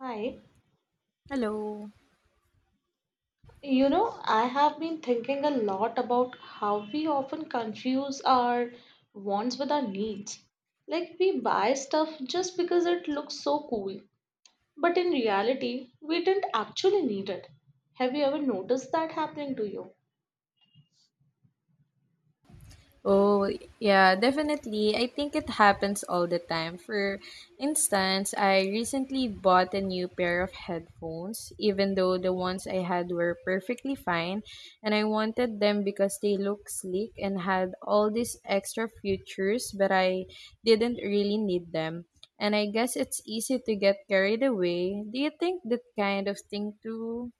Hi. Hello. I have been thinking a lot about how we often confuse our wants with our needs. Like, we buy stuff just because it looks so cool, but in reality, we didn't actually need it. Have you ever noticed that happening to you? Oh, yeah, definitely. I think it happens all the time. For instance, I recently bought a new pair of headphones, even though the ones I had were perfectly fine, and I wanted them because they look sleek and had all these extra features, but I didn't really need them. And I guess it's easy to get carried away. Do you think that kind of thing too?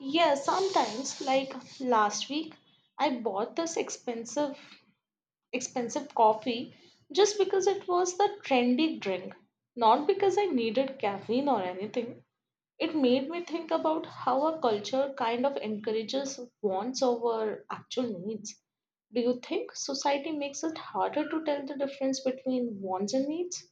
Yeah, sometimes, like last week, I bought this expensive coffee just because it was the trendy drink, not because I needed caffeine or anything. It made me think about how our culture kind of encourages wants over actual needs. Do you think society makes it harder to tell the difference between wants and needs?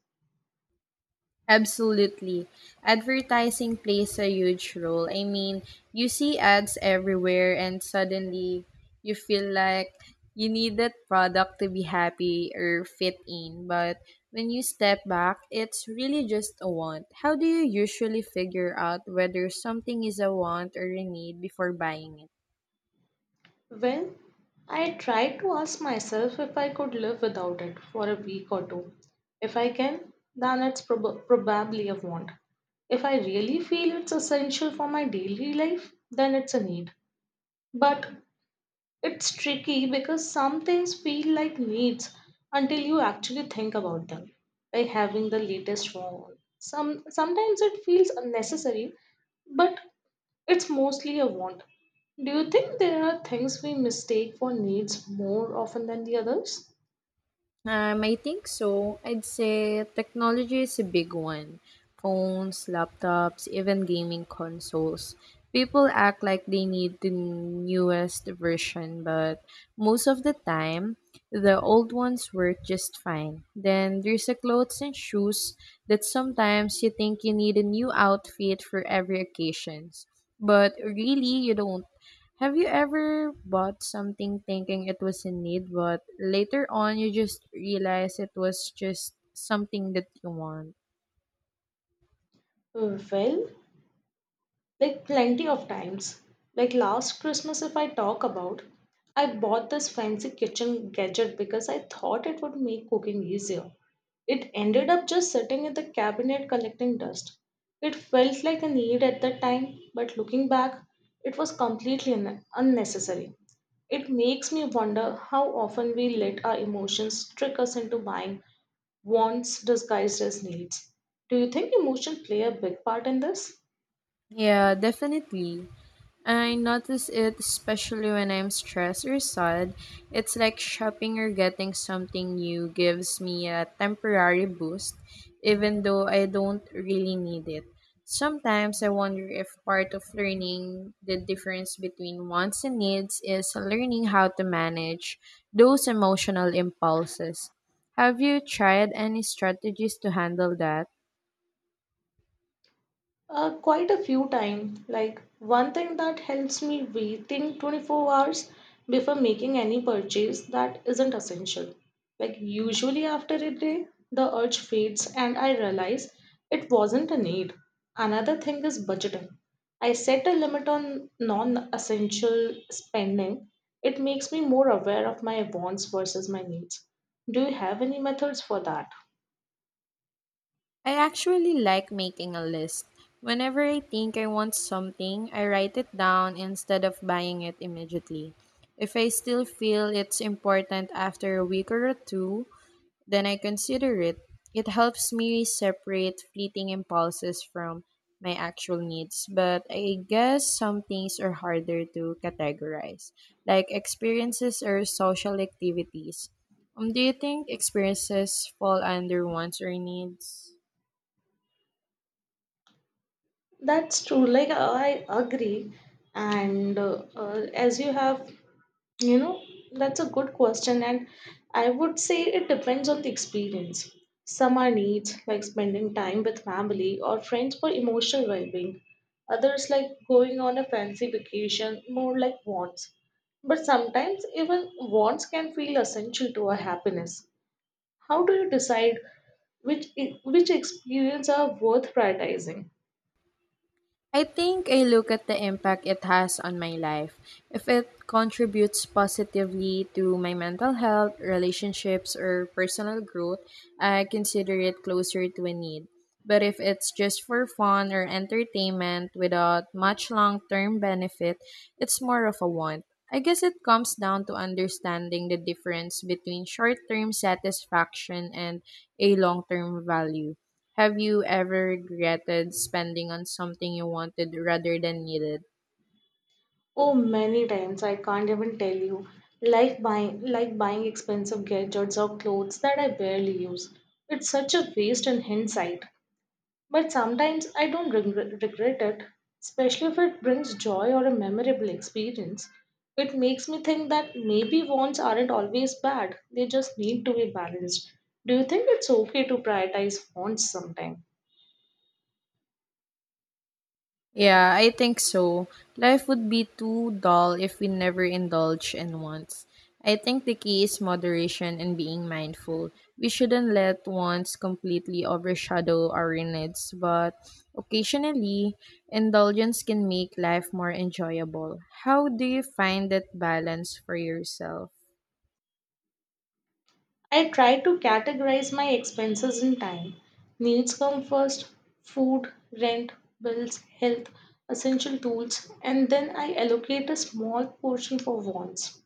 Absolutely. Advertising plays a huge role. I mean, you see ads everywhere and suddenly you feel like you need that product to be happy or fit in. But when you step back, it's really just a want. How do you usually figure out whether something is a want or a need before buying it? Well, I tried to ask myself if I could live without it for a week or two. If I can, then it's probably a want. If I really feel it's essential for my daily life, then it's a need. But it's tricky because some things feel like needs until you actually think about them, like having the latest phone. Sometimes it feels unnecessary, but it's mostly a want. Do you think there are things we mistake for needs more often than the others? I think so. I'd say technology is a big one. Phones, laptops, even gaming consoles. People act like they need the newest version, but most of the time, the old ones work just fine. Then there's the clothes and shoes that sometimes you think you need a new outfit for every occasions, but really you don't. Have you ever bought something thinking it was in need, but later on you just realize it was just something that you want? Well, Like plenty of times. Like last Christmas, if I talk about, I bought this fancy kitchen gadget because I thought it would make cooking easier. It ended up just sitting in the cabinet collecting dust. It felt like a need at the time, but looking back, it was completely unnecessary. It makes me wonder how often we let our emotions trick us into buying wants disguised as needs. Do you think emotions play a big part in this? Yeah, definitely. I notice it especially when I'm stressed or sad. It's like shopping or getting something new gives me a temporary boost, even though I don't really need it. Sometimes I wonder if part of learning the difference between wants and needs is learning how to manage those emotional impulses. Have you tried any strategies to handle that? Quite a few times. Like one thing that helps me, waiting 24 hours before making any purchase that isn't essential. Like usually after a day, the urge fades and I realize it wasn't a need. Another thing is budgeting. I set a limit on non-essential spending. It makes me more aware of my wants versus my needs. Do you have any methods for that? I actually like making a list. Whenever I think I want something, I write it down instead of buying it immediately. If I still feel it's important after a week or two, then I consider it. It helps me separate fleeting impulses from my actual needs, but I guess some things are harder to categorize, like experiences or social activities. Do you think experiences fall under wants or needs? That's true. Like I agree, and as you have, you know, that's a good question, and I would say it depends on the experience. Some are needs like spending time with family or friends for emotional well-being. Others like going on a fancy vacation, more like wants. But sometimes even wants can feel essential to our happiness. How do you decide which which experience are worth prioritizing? I think I look at the impact it has on my life. If it contributes positively to my mental health, relationships, or personal growth, I consider it closer to a need. But if it's just for fun or entertainment without much long term benefit, it's more of a want. I guess it comes down to understanding the difference between short term satisfaction and a long term value. Have you ever regretted spending on something you wanted rather than needed? Oh, many times I can't even tell you. Like buying expensive gadgets or clothes that I barely use. It's such a waste in hindsight. But sometimes I don't regret it, especially if it brings joy or a memorable experience. It makes me think that maybe wants aren't always bad. They just need to be balanced. Do you think it's okay to prioritize wants sometimes? Yeah, I think so. Life would be too dull if we never indulge in wants. I think the key is moderation and being mindful. We shouldn't let wants completely overshadow our needs, but occasionally, indulgence can make life more enjoyable. How do you find that balance for yourself? I try to categorize my expenses in time. Needs come first, food, rent, bills, health, essential tools, and then I allocate a small portion for wants,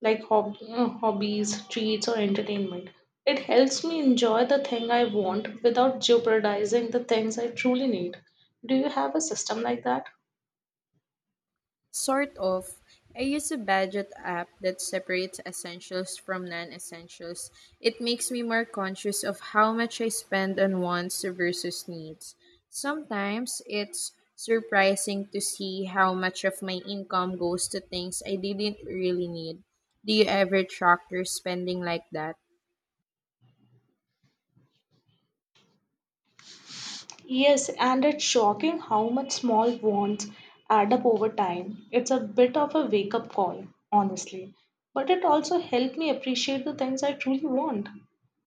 like hobbies, treats, or entertainment. It helps me enjoy the thing I want without jeopardizing the things I truly need. Do you have a system like that? Sort of. I use a budget app that separates essentials from non essentials. It makes me more conscious of how much I spend on wants versus needs. Sometimes it's surprising to see how much of my income goes to things I didn't really need. Do you ever track your spending like that? Yes, and it's shocking how much small wants add up over time. It's a bit of a wake up call, honestly. But it also helped me appreciate the things I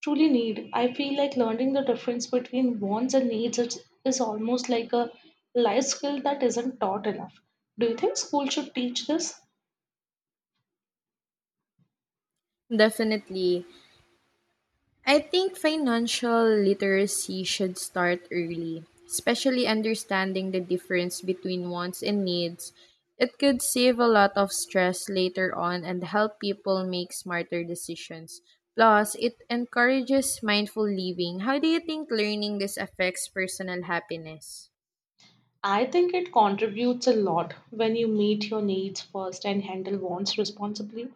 truly need. I feel like learning the difference between wants and needs is almost like a life skill that isn't taught enough. Do you think school should teach this? Definitely. I think financial literacy should start early, especially understanding the difference between wants and needs. It could save a lot of stress later on and help people make smarter decisions. Plus, it encourages mindful living. How do you think learning this affects personal happiness? I think it contributes a lot when you meet your needs first and handle wants responsibly.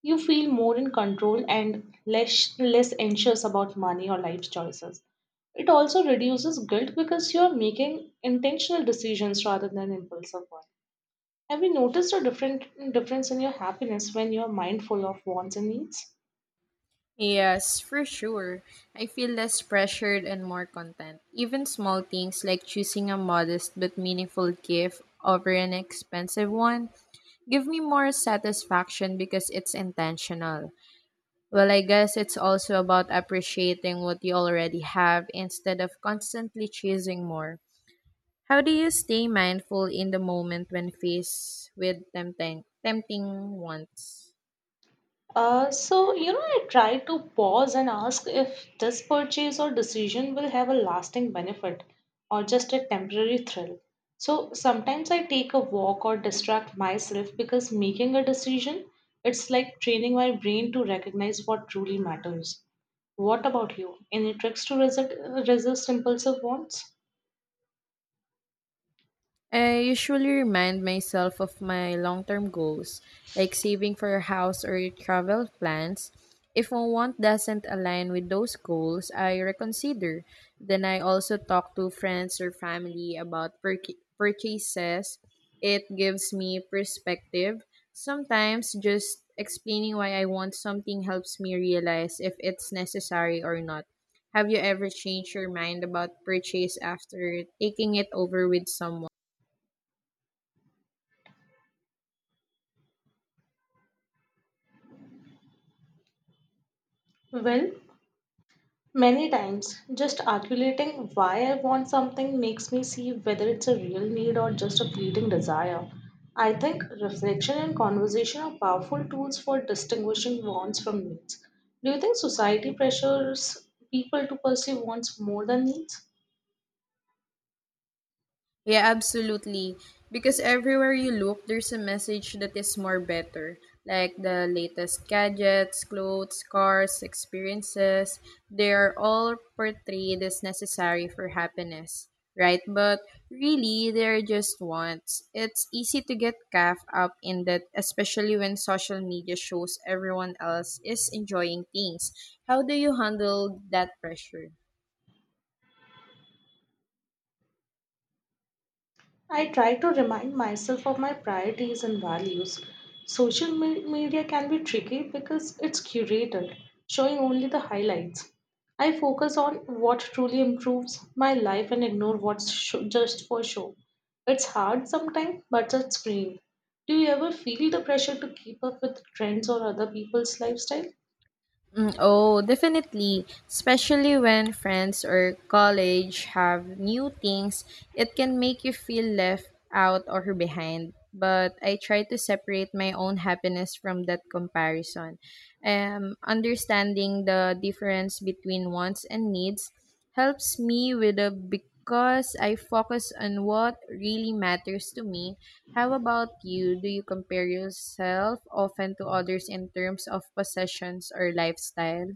You feel more in control and less anxious about money or life choices. It also reduces guilt because you are making intentional decisions rather than impulsive ones. Have you noticed a different difference in your happiness when you are mindful of wants and needs? Yes, for sure. I feel less pressured and more content. Even small things like choosing a modest but meaningful gift over an expensive one give me more satisfaction because it's intentional. Well, I guess it's also about appreciating what you already have instead of constantly chasing more. How do you stay mindful in the moment when faced with tempting wants? I try to pause and ask if this purchase or decision will have a lasting benefit or just a temporary thrill. So, sometimes I take a walk or distract myself because making a decision, it's like training my brain to recognize what truly matters. What about you? Any tricks to resist impulsive wants? I usually remind myself of my long term goals, like saving for a house or travel plans. If one want doesn't align with those goals, I reconsider. Then I also talk to friends or family about purchases. It gives me perspective. Sometimes just explaining why I want something helps me realize if it's necessary or not. Have you ever changed your mind about purchase after taking it over with someone? Well, Many times, just articulating why I want something makes me see whether it's a real need or just a fleeting desire. I think reflection and conversation are powerful tools for distinguishing wants from needs. Do you think society pressures people to pursue wants more than needs? Yeah, absolutely. Because everywhere you look, there's a message that is more better, like the latest gadgets, clothes, cars, experiences. They are all portrayed as necessary for happiness, right? But really, they're just wants. It's easy to get caught up in that, especially when social media shows everyone else is enjoying things. How do you handle that pressure? I try to remind myself of my priorities and values. Media can be tricky because it's curated, showing only the highlights. I focus on what truly improves my life and ignore what's sho just for show. It's hard sometimes, but it's freeing. Do you ever feel the pressure to keep up with trends or other people's lifestyle? Mm, oh, definitely. Especially when friends or college have new things, it can make you feel left out or behind. But I try to separate my own happiness from that comparison. Understanding the difference between wants and needs helps me with a because I focus on what really matters to me. How about you? Do you compare yourself often to others in terms of possessions or lifestyle?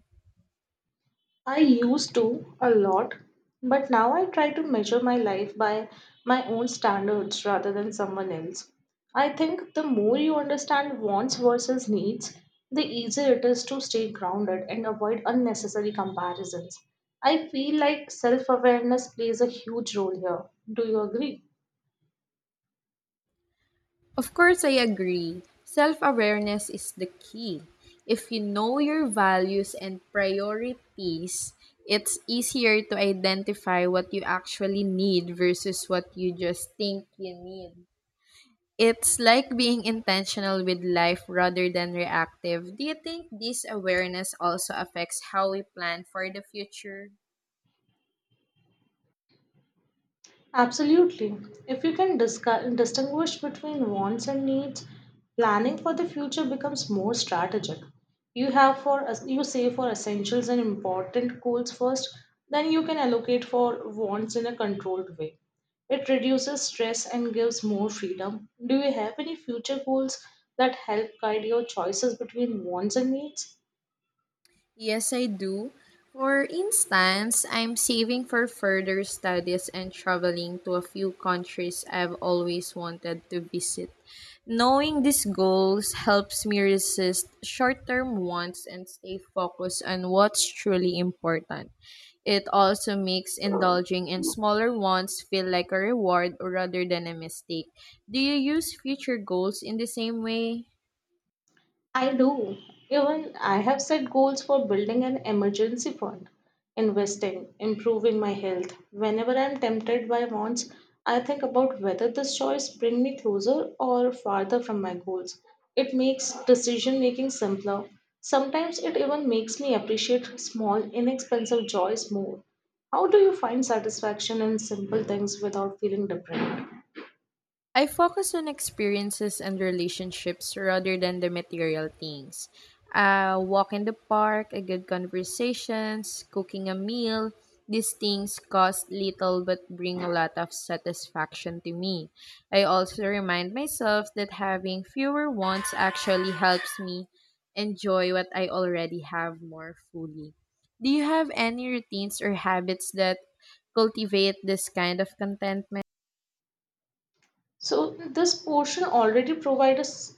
I used to a lot, but now I try to measure my life by my own standards rather than someone else. I think the more you understand wants versus needs, the easier it is to stay grounded and avoid unnecessary comparisons. I feel like self awareness plays a huge role here. Do you agree? Of course, I agree. Self awareness is the key. If you know your values and priorities, it's easier to identify what you actually need versus what you just think you need. It's like being intentional with life rather than reactive. Do you think this awareness also affects how we plan for the future? Absolutely. If you can distinguish between wants and needs, planning for the future becomes more strategic. You have for you save for essentials and important goals first, then you can allocate for wants in a controlled way. It reduces stress and gives more freedom. Do you have any future goals that help guide your choices between wants and needs? Yes, I do. For instance, I'm saving for further studies and traveling to a few countries I've always wanted to visit. Knowing these goals helps me resist short term wants and stay focused on what's truly important. It also makes indulging in smaller wants feel like a reward rather than a mistake. Do you use future goals in the same way? I do. Even I have set goals for building an emergency fund, investing, improving my health. Whenever I'm tempted by wants, I think about whether this choice bring me closer or farther from my goals. It makes decision making simpler. Sometimes it even makes me appreciate small, inexpensive joys more. How do you find satisfaction in simple things without feeling deprived? I focus on experiences and relationships rather than the material things. A walk in the park, a good conversations, cooking a meal, these things cost little but bring a lot of satisfaction to me. I also remind myself that having fewer wants actually helps me enjoy what I already have more fully. Do you have any routines or habits that cultivate this kind of contentment? So this portion already provides us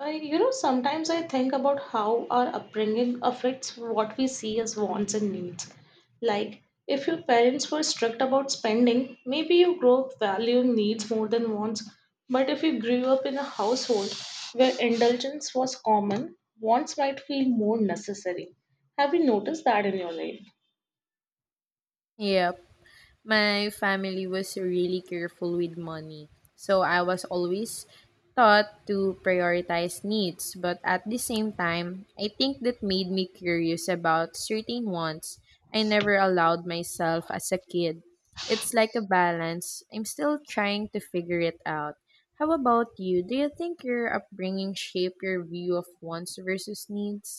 sometimes I think about how our upbringing affects what we see as wants and needs. Like, if your parents were strict about spending, maybe you grow up valuing needs more than wants. But if you grew up in a household where indulgence was common, wants might feel more necessary. Have you noticed that in your life? Yep. My family was really careful with money, so I was always taught to prioritize needs, but at the same time, I think that made me curious about certain wants I never allowed myself as a kid. It's like a balance. I'm still trying to figure it out. How about you? Do you think your upbringing shaped your view of wants versus needs?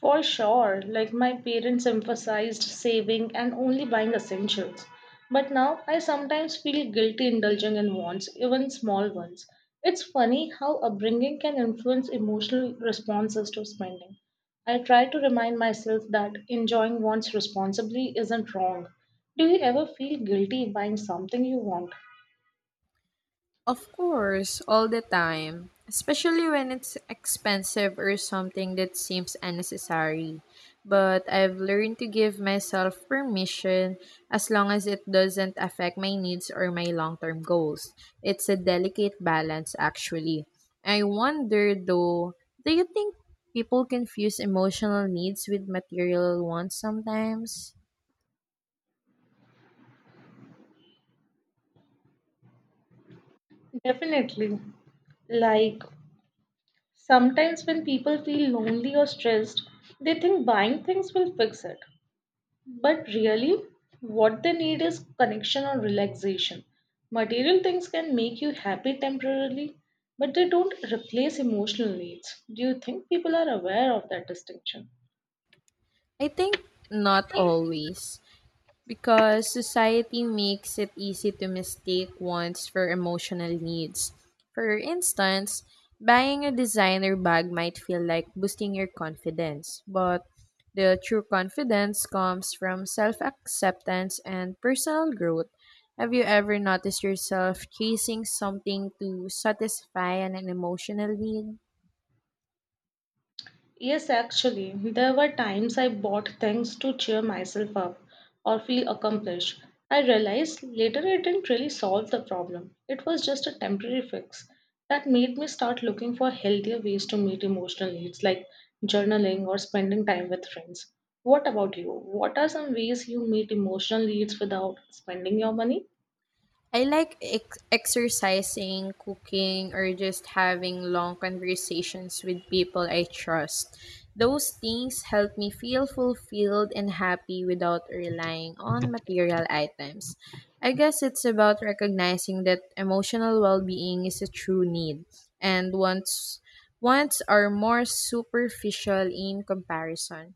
For sure, like my parents emphasized saving and only buying essentials. But now I sometimes feel guilty indulging in wants, even small ones. It's funny how upbringing can influence emotional responses to spending. I try to remind myself that enjoying wants responsibly isn't wrong. Do you ever feel guilty buying something you want? Of course, all the time, especially when it's expensive or something that seems unnecessary. But I've learned to give myself permission as long as it doesn't affect my needs or my long term goals. It's a delicate balance, actually. I wonder though, do you think people confuse emotional needs with material ones sometimes? Definitely. Like, sometimes when people feel lonely or stressed, they think buying things will fix it. But really, what they need is connection or relaxation. Material things can make you happy temporarily, but they don't replace emotional needs. Do you think people are aware of that distinction? I think not always because society makes it easy to mistake wants for emotional needs. For instance, buying a designer bag might feel like boosting your confidence, but the true confidence comes from self acceptance and personal growth. Have you ever noticed yourself chasing something to satisfy an emotional need? Yes, actually, there were times I bought things to cheer myself up or feel accomplished. I realized later it didn't really solve the problem. It was just a temporary fix that made me start looking for healthier ways to meet emotional needs like journaling or spending time with friends. What about you? What are some ways you meet emotional needs without spending your money? I like exercising, cooking, or just having long conversations with people I trust. Those things help me feel fulfilled and happy without relying on material items. I guess it's about recognizing that emotional well-being is a true need and wants are more superficial in comparison.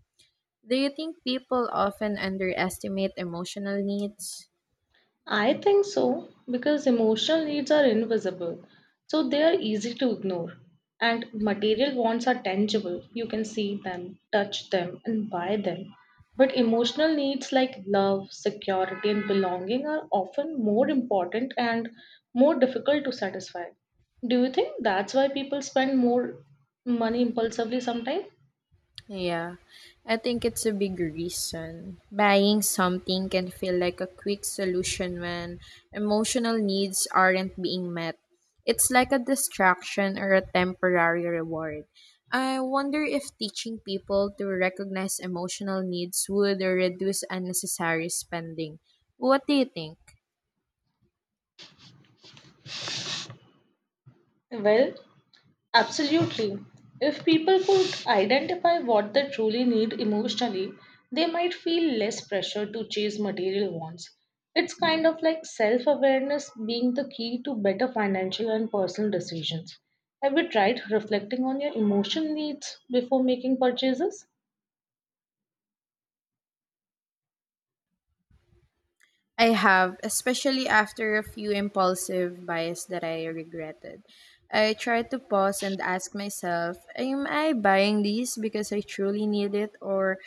Do you think people often underestimate emotional needs? I think so because emotional needs are invisible, so they are easy to ignore. And material wants are tangible. You can see them, touch them, and buy them. But emotional needs like love, security, and belonging are often more important and more difficult to satisfy. Do you think that's why people spend more money impulsively sometimes? Yeah, I think it's a big reason. Buying something can feel like a quick solution when emotional needs aren't being met. It's like a distraction or a temporary reward. I wonder if teaching people to recognize emotional needs would reduce unnecessary spending. What do you think? Well, Absolutely. If people could identify what they truly need emotionally, they might feel less pressure to chase material wants. It's kind of like self awareness being the key to better financial and personal decisions. Have you tried reflecting on your emotional needs before making purchases? I have, especially after a few impulsive buys that I regretted. I tried to pause and ask myself, am I buying these because I truly need it or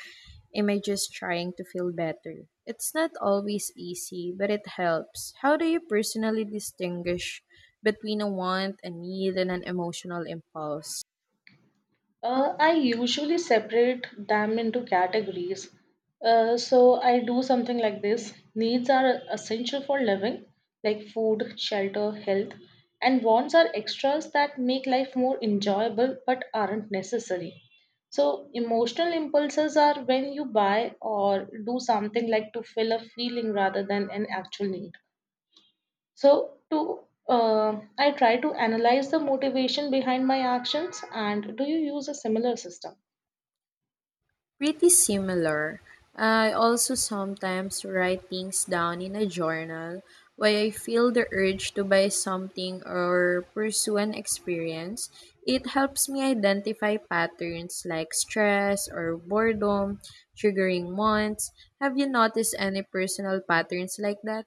am I just trying to feel better? It's not always easy, but it helps. How do you personally distinguish between a want, a need, and an emotional impulse? I usually separate them into categories. So I do something like this. Needs are essential for living, like food, shelter, health, and wants are extras that make life more enjoyable but aren't necessary. So emotional impulses are when you buy or do something like to fill a feeling rather than an actual need. So to I try to analyze the motivation behind my actions and do you use a similar system? Pretty similar. I also sometimes write things down in a journal when I feel the urge to buy something or pursue an experience. It helps me identify patterns like stress or boredom, triggering wants. Have you noticed any personal patterns like that?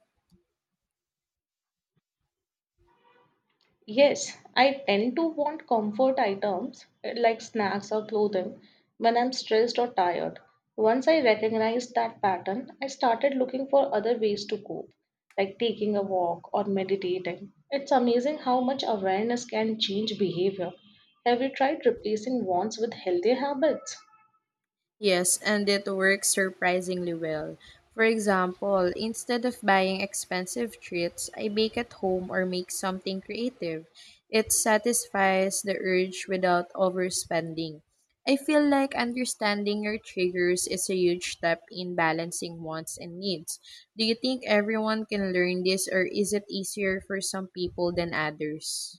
Yes, I tend to want comfort items like snacks or clothing when I'm stressed or tired. Once I recognized that pattern, I started looking for other ways to cope, like taking a walk or meditating. It's amazing how much awareness can change behavior. Have you tried replacing wants with healthy habits? Yes, and it works surprisingly well. For example, instead of buying expensive treats, I bake at home or make something creative. It satisfies the urge without overspending. I feel like understanding your triggers is a huge step in balancing wants and needs. Do you think everyone can learn this, or is it easier for some people than others?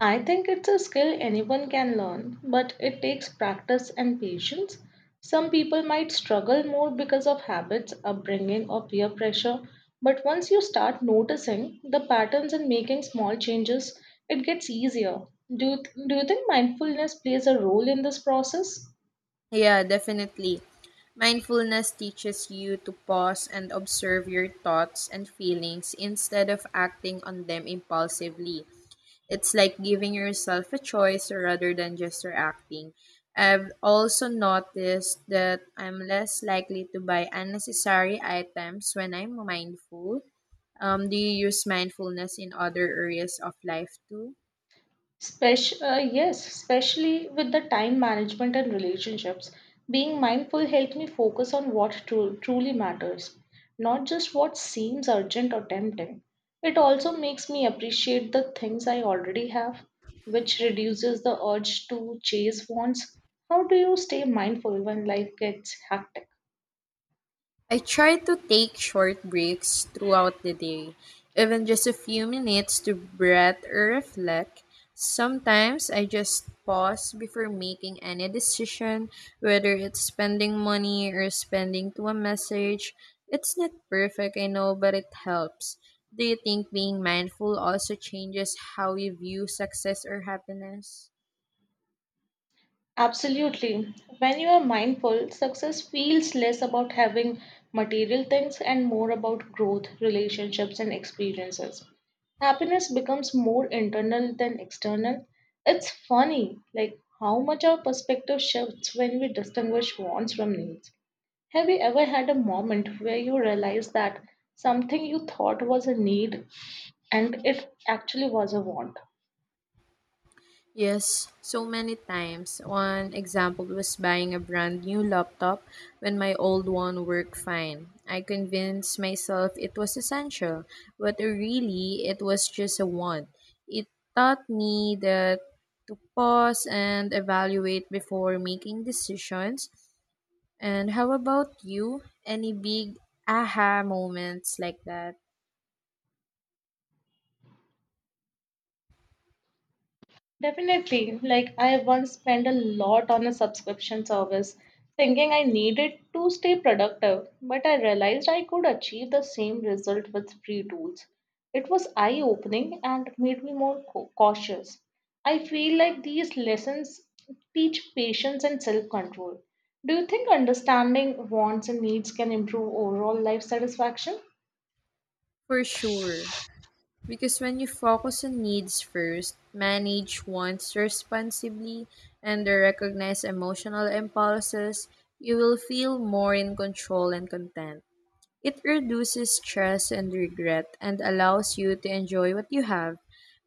I think it's a skill anyone can learn, but it takes practice and patience. Some people might struggle more because of habits, upbringing, or peer pressure, but once you start noticing the patterns and making small changes, it gets easier. Do you, do you think mindfulness plays a role in this process? Yeah, definitely. Mindfulness teaches you to pause and observe your thoughts and feelings instead of acting on them impulsively. It's like giving yourself a choice rather than just reacting. I've also noticed that I'm less likely to buy unnecessary items when I'm mindful. Do you use mindfulness in other areas of life too? Yes, especially with the time management and relationships. Being mindful helps me focus on what truly matters, not just what seems urgent or tempting. It also makes me appreciate the things I already have, which reduces the urge to chase wants. How do you stay mindful when life gets hectic? I try to take short breaks throughout the day, even just a few minutes to breathe or reflect. Sometimes I just pause before making any decision, whether it's spending money or spending to a message. It's not perfect, I know, but it helps. Do you think being mindful also changes how you view success or happiness? Absolutely. When you are mindful, success feels less about having material things and more about growth, relationships, and experiences. Happiness becomes more internal than external. It's funny, like how much our perspective shifts when we distinguish wants from needs. Have you ever had a moment where you realized that something you thought was a need and it actually was a want? Yes, so many times. One example was buying a brand new laptop when my old one worked fine. I convinced myself it was essential, but really it was just a want. It taught me that to pause and evaluate before making decisions. And how about you? Any big aha moments like that? Definitely. Like I once spent a lot on a subscription service thinking I needed to stay productive, but I realized I could achieve the same result with free tools. It was eye-opening and made me more cautious. I feel like these lessons teach patience and self-control. Do you think understanding wants and needs can improve overall life satisfaction? For sure. Because when you focus on needs first, manage wants responsibly, and recognize emotional impulses, you will feel more in control and content. It reduces stress and regret and allows you to enjoy what you have.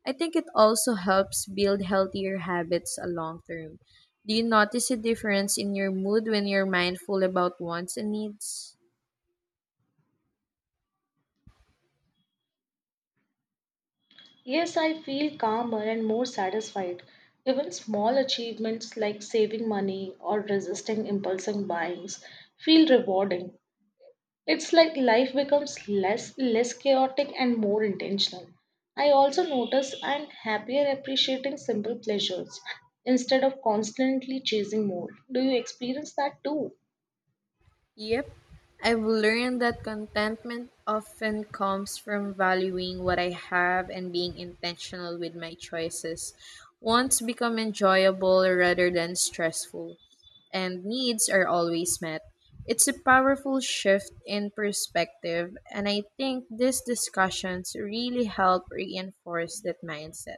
I think it also helps build healthier habits a long term. Do you notice a difference in your mood when you're mindful about wants and needs? Yes, I feel calmer and more satisfied. Even small achievements like saving money or resisting impulsive buyings feel rewarding. It's like life becomes less chaotic and more intentional. I also notice I'm happier appreciating simple pleasures instead of constantly chasing more. Do you experience that too? Yep, I've learned that contentment often comes from valuing what I have and being intentional with my choices. Wants become enjoyable rather than stressful, and needs are always met. It's a powerful shift in perspective, and I think these discussions really help reinforce that mindset.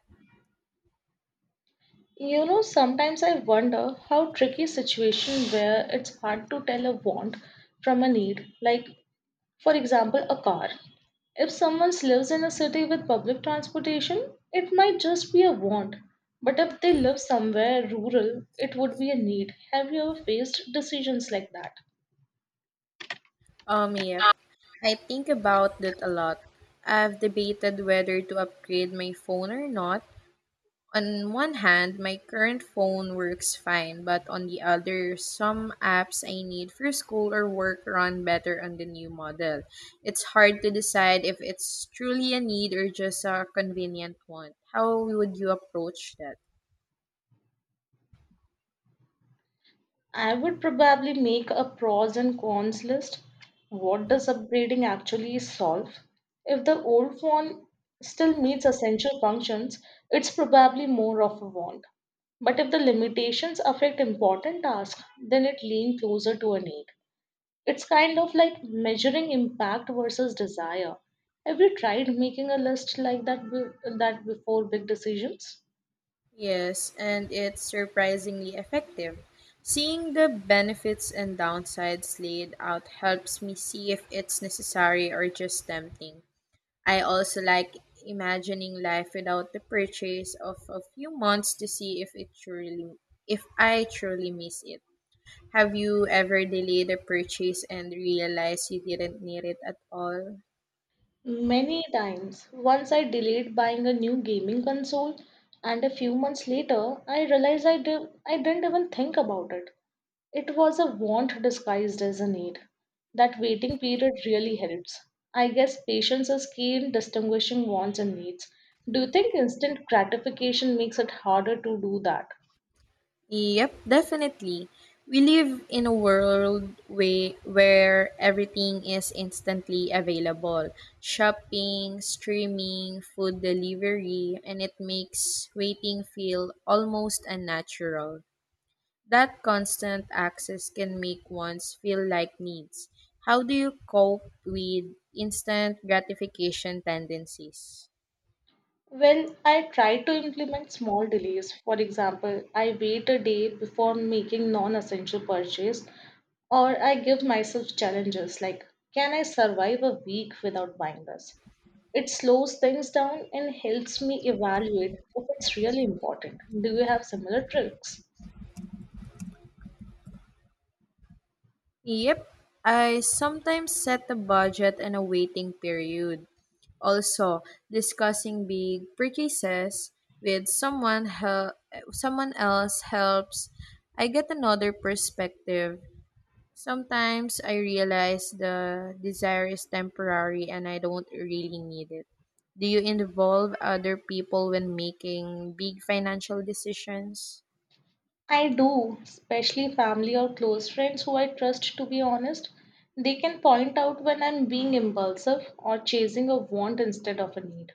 You know, sometimes I wonder how tricky situation where it's hard to tell a want from a need, like, for example, a car. If someone lives in a city with public transportation, it might just be a want. But if they live somewhere rural, it would be a need. Have you ever faced decisions like that? Yep. I think about that a lot. I've debated whether to upgrade my phone or not. On one hand, my current phone works fine, but on the other, some apps I need for school or work run better on the new model. It's hard to decide if it's truly a need or just a convenient one. How would you approach that? I would probably make a pros and cons list. What does upgrading actually solve? If the old phone still meets essential functions, it's probably more of a want. But if the limitations affect important tasks, then it leans closer to a need. It's kind of like measuring impact versus desire. Have you tried making a list like that before big decisions? Yes, and it's surprisingly effective. Seeing the benefits and downsides laid out helps me see if it's necessary or just tempting. I also like imagining life without the purchase of a few months to see if it truly if I truly miss it. Have you ever delayed a purchase and realized you didn't need it at all? Many times. Once I delayed buying a new gaming console, and a few months later, I realized I didn't even think about it. It was a want disguised as a need. That waiting period really helps. I guess patience is key in distinguishing wants and needs. Do you think instant gratification makes it harder to do that? Yep, definitely. We live in a world way where everything is instantly available. Shopping, streaming, food delivery, and it makes waiting feel almost unnatural. That constant access can make ones feel like needs. How do you cope with instant gratification tendencies? Well, I try to implement small delays. For example, I wait a day before making non-essential purchase, or I give myself challenges like, can I survive a week without buying this? It slows things down and helps me evaluate if it's really important. Do you have similar tricks? Yep, I sometimes set a budget and a waiting period. Also, discussing big purchases with someone else helps I get another perspective. Sometimes I realize the desire is temporary and I don't really need it. Do you involve other people when making big financial decisions? I do, especially family or close friends who I trust to be honest. They can point out when I'm being impulsive or chasing a want instead of a need.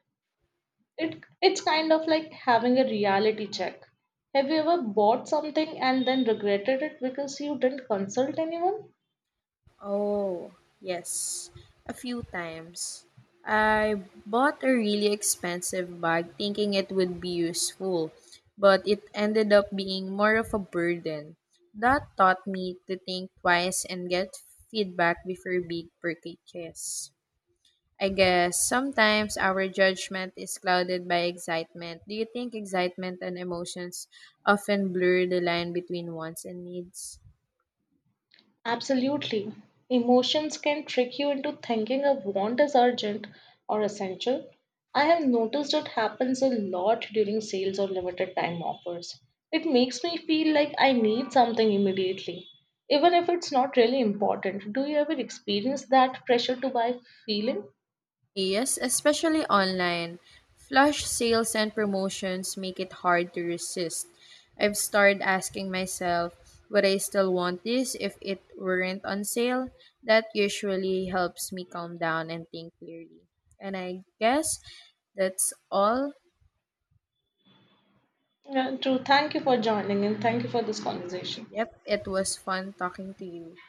It's kind of like having a reality check. Have you ever bought something and then regretted it because you didn't consult anyone? Oh, yes, a few times. I bought a really expensive bag thinking it would be useful, but it ended up being more of a burden. That taught me to think twice and get feedback before big purchases. I guess sometimes our judgment is clouded by excitement. Do you think excitement and emotions often blur the line between wants and needs? Absolutely. Emotions can trick you into thinking a want is urgent or essential. I have noticed it happens a lot during sales or limited time offers. It makes me feel like I need something immediately, even if it's not really important. Do you ever experience that pressure to buy feeling? Yes, especially online. Flash sales and promotions make it hard to resist. I've started asking myself, would I still want this if it weren't on sale? That usually helps me calm down and think clearly. And I guess that's all. Yeah, true. Thank you for joining and thank you for this And conversation. yep, it was fun talking to you.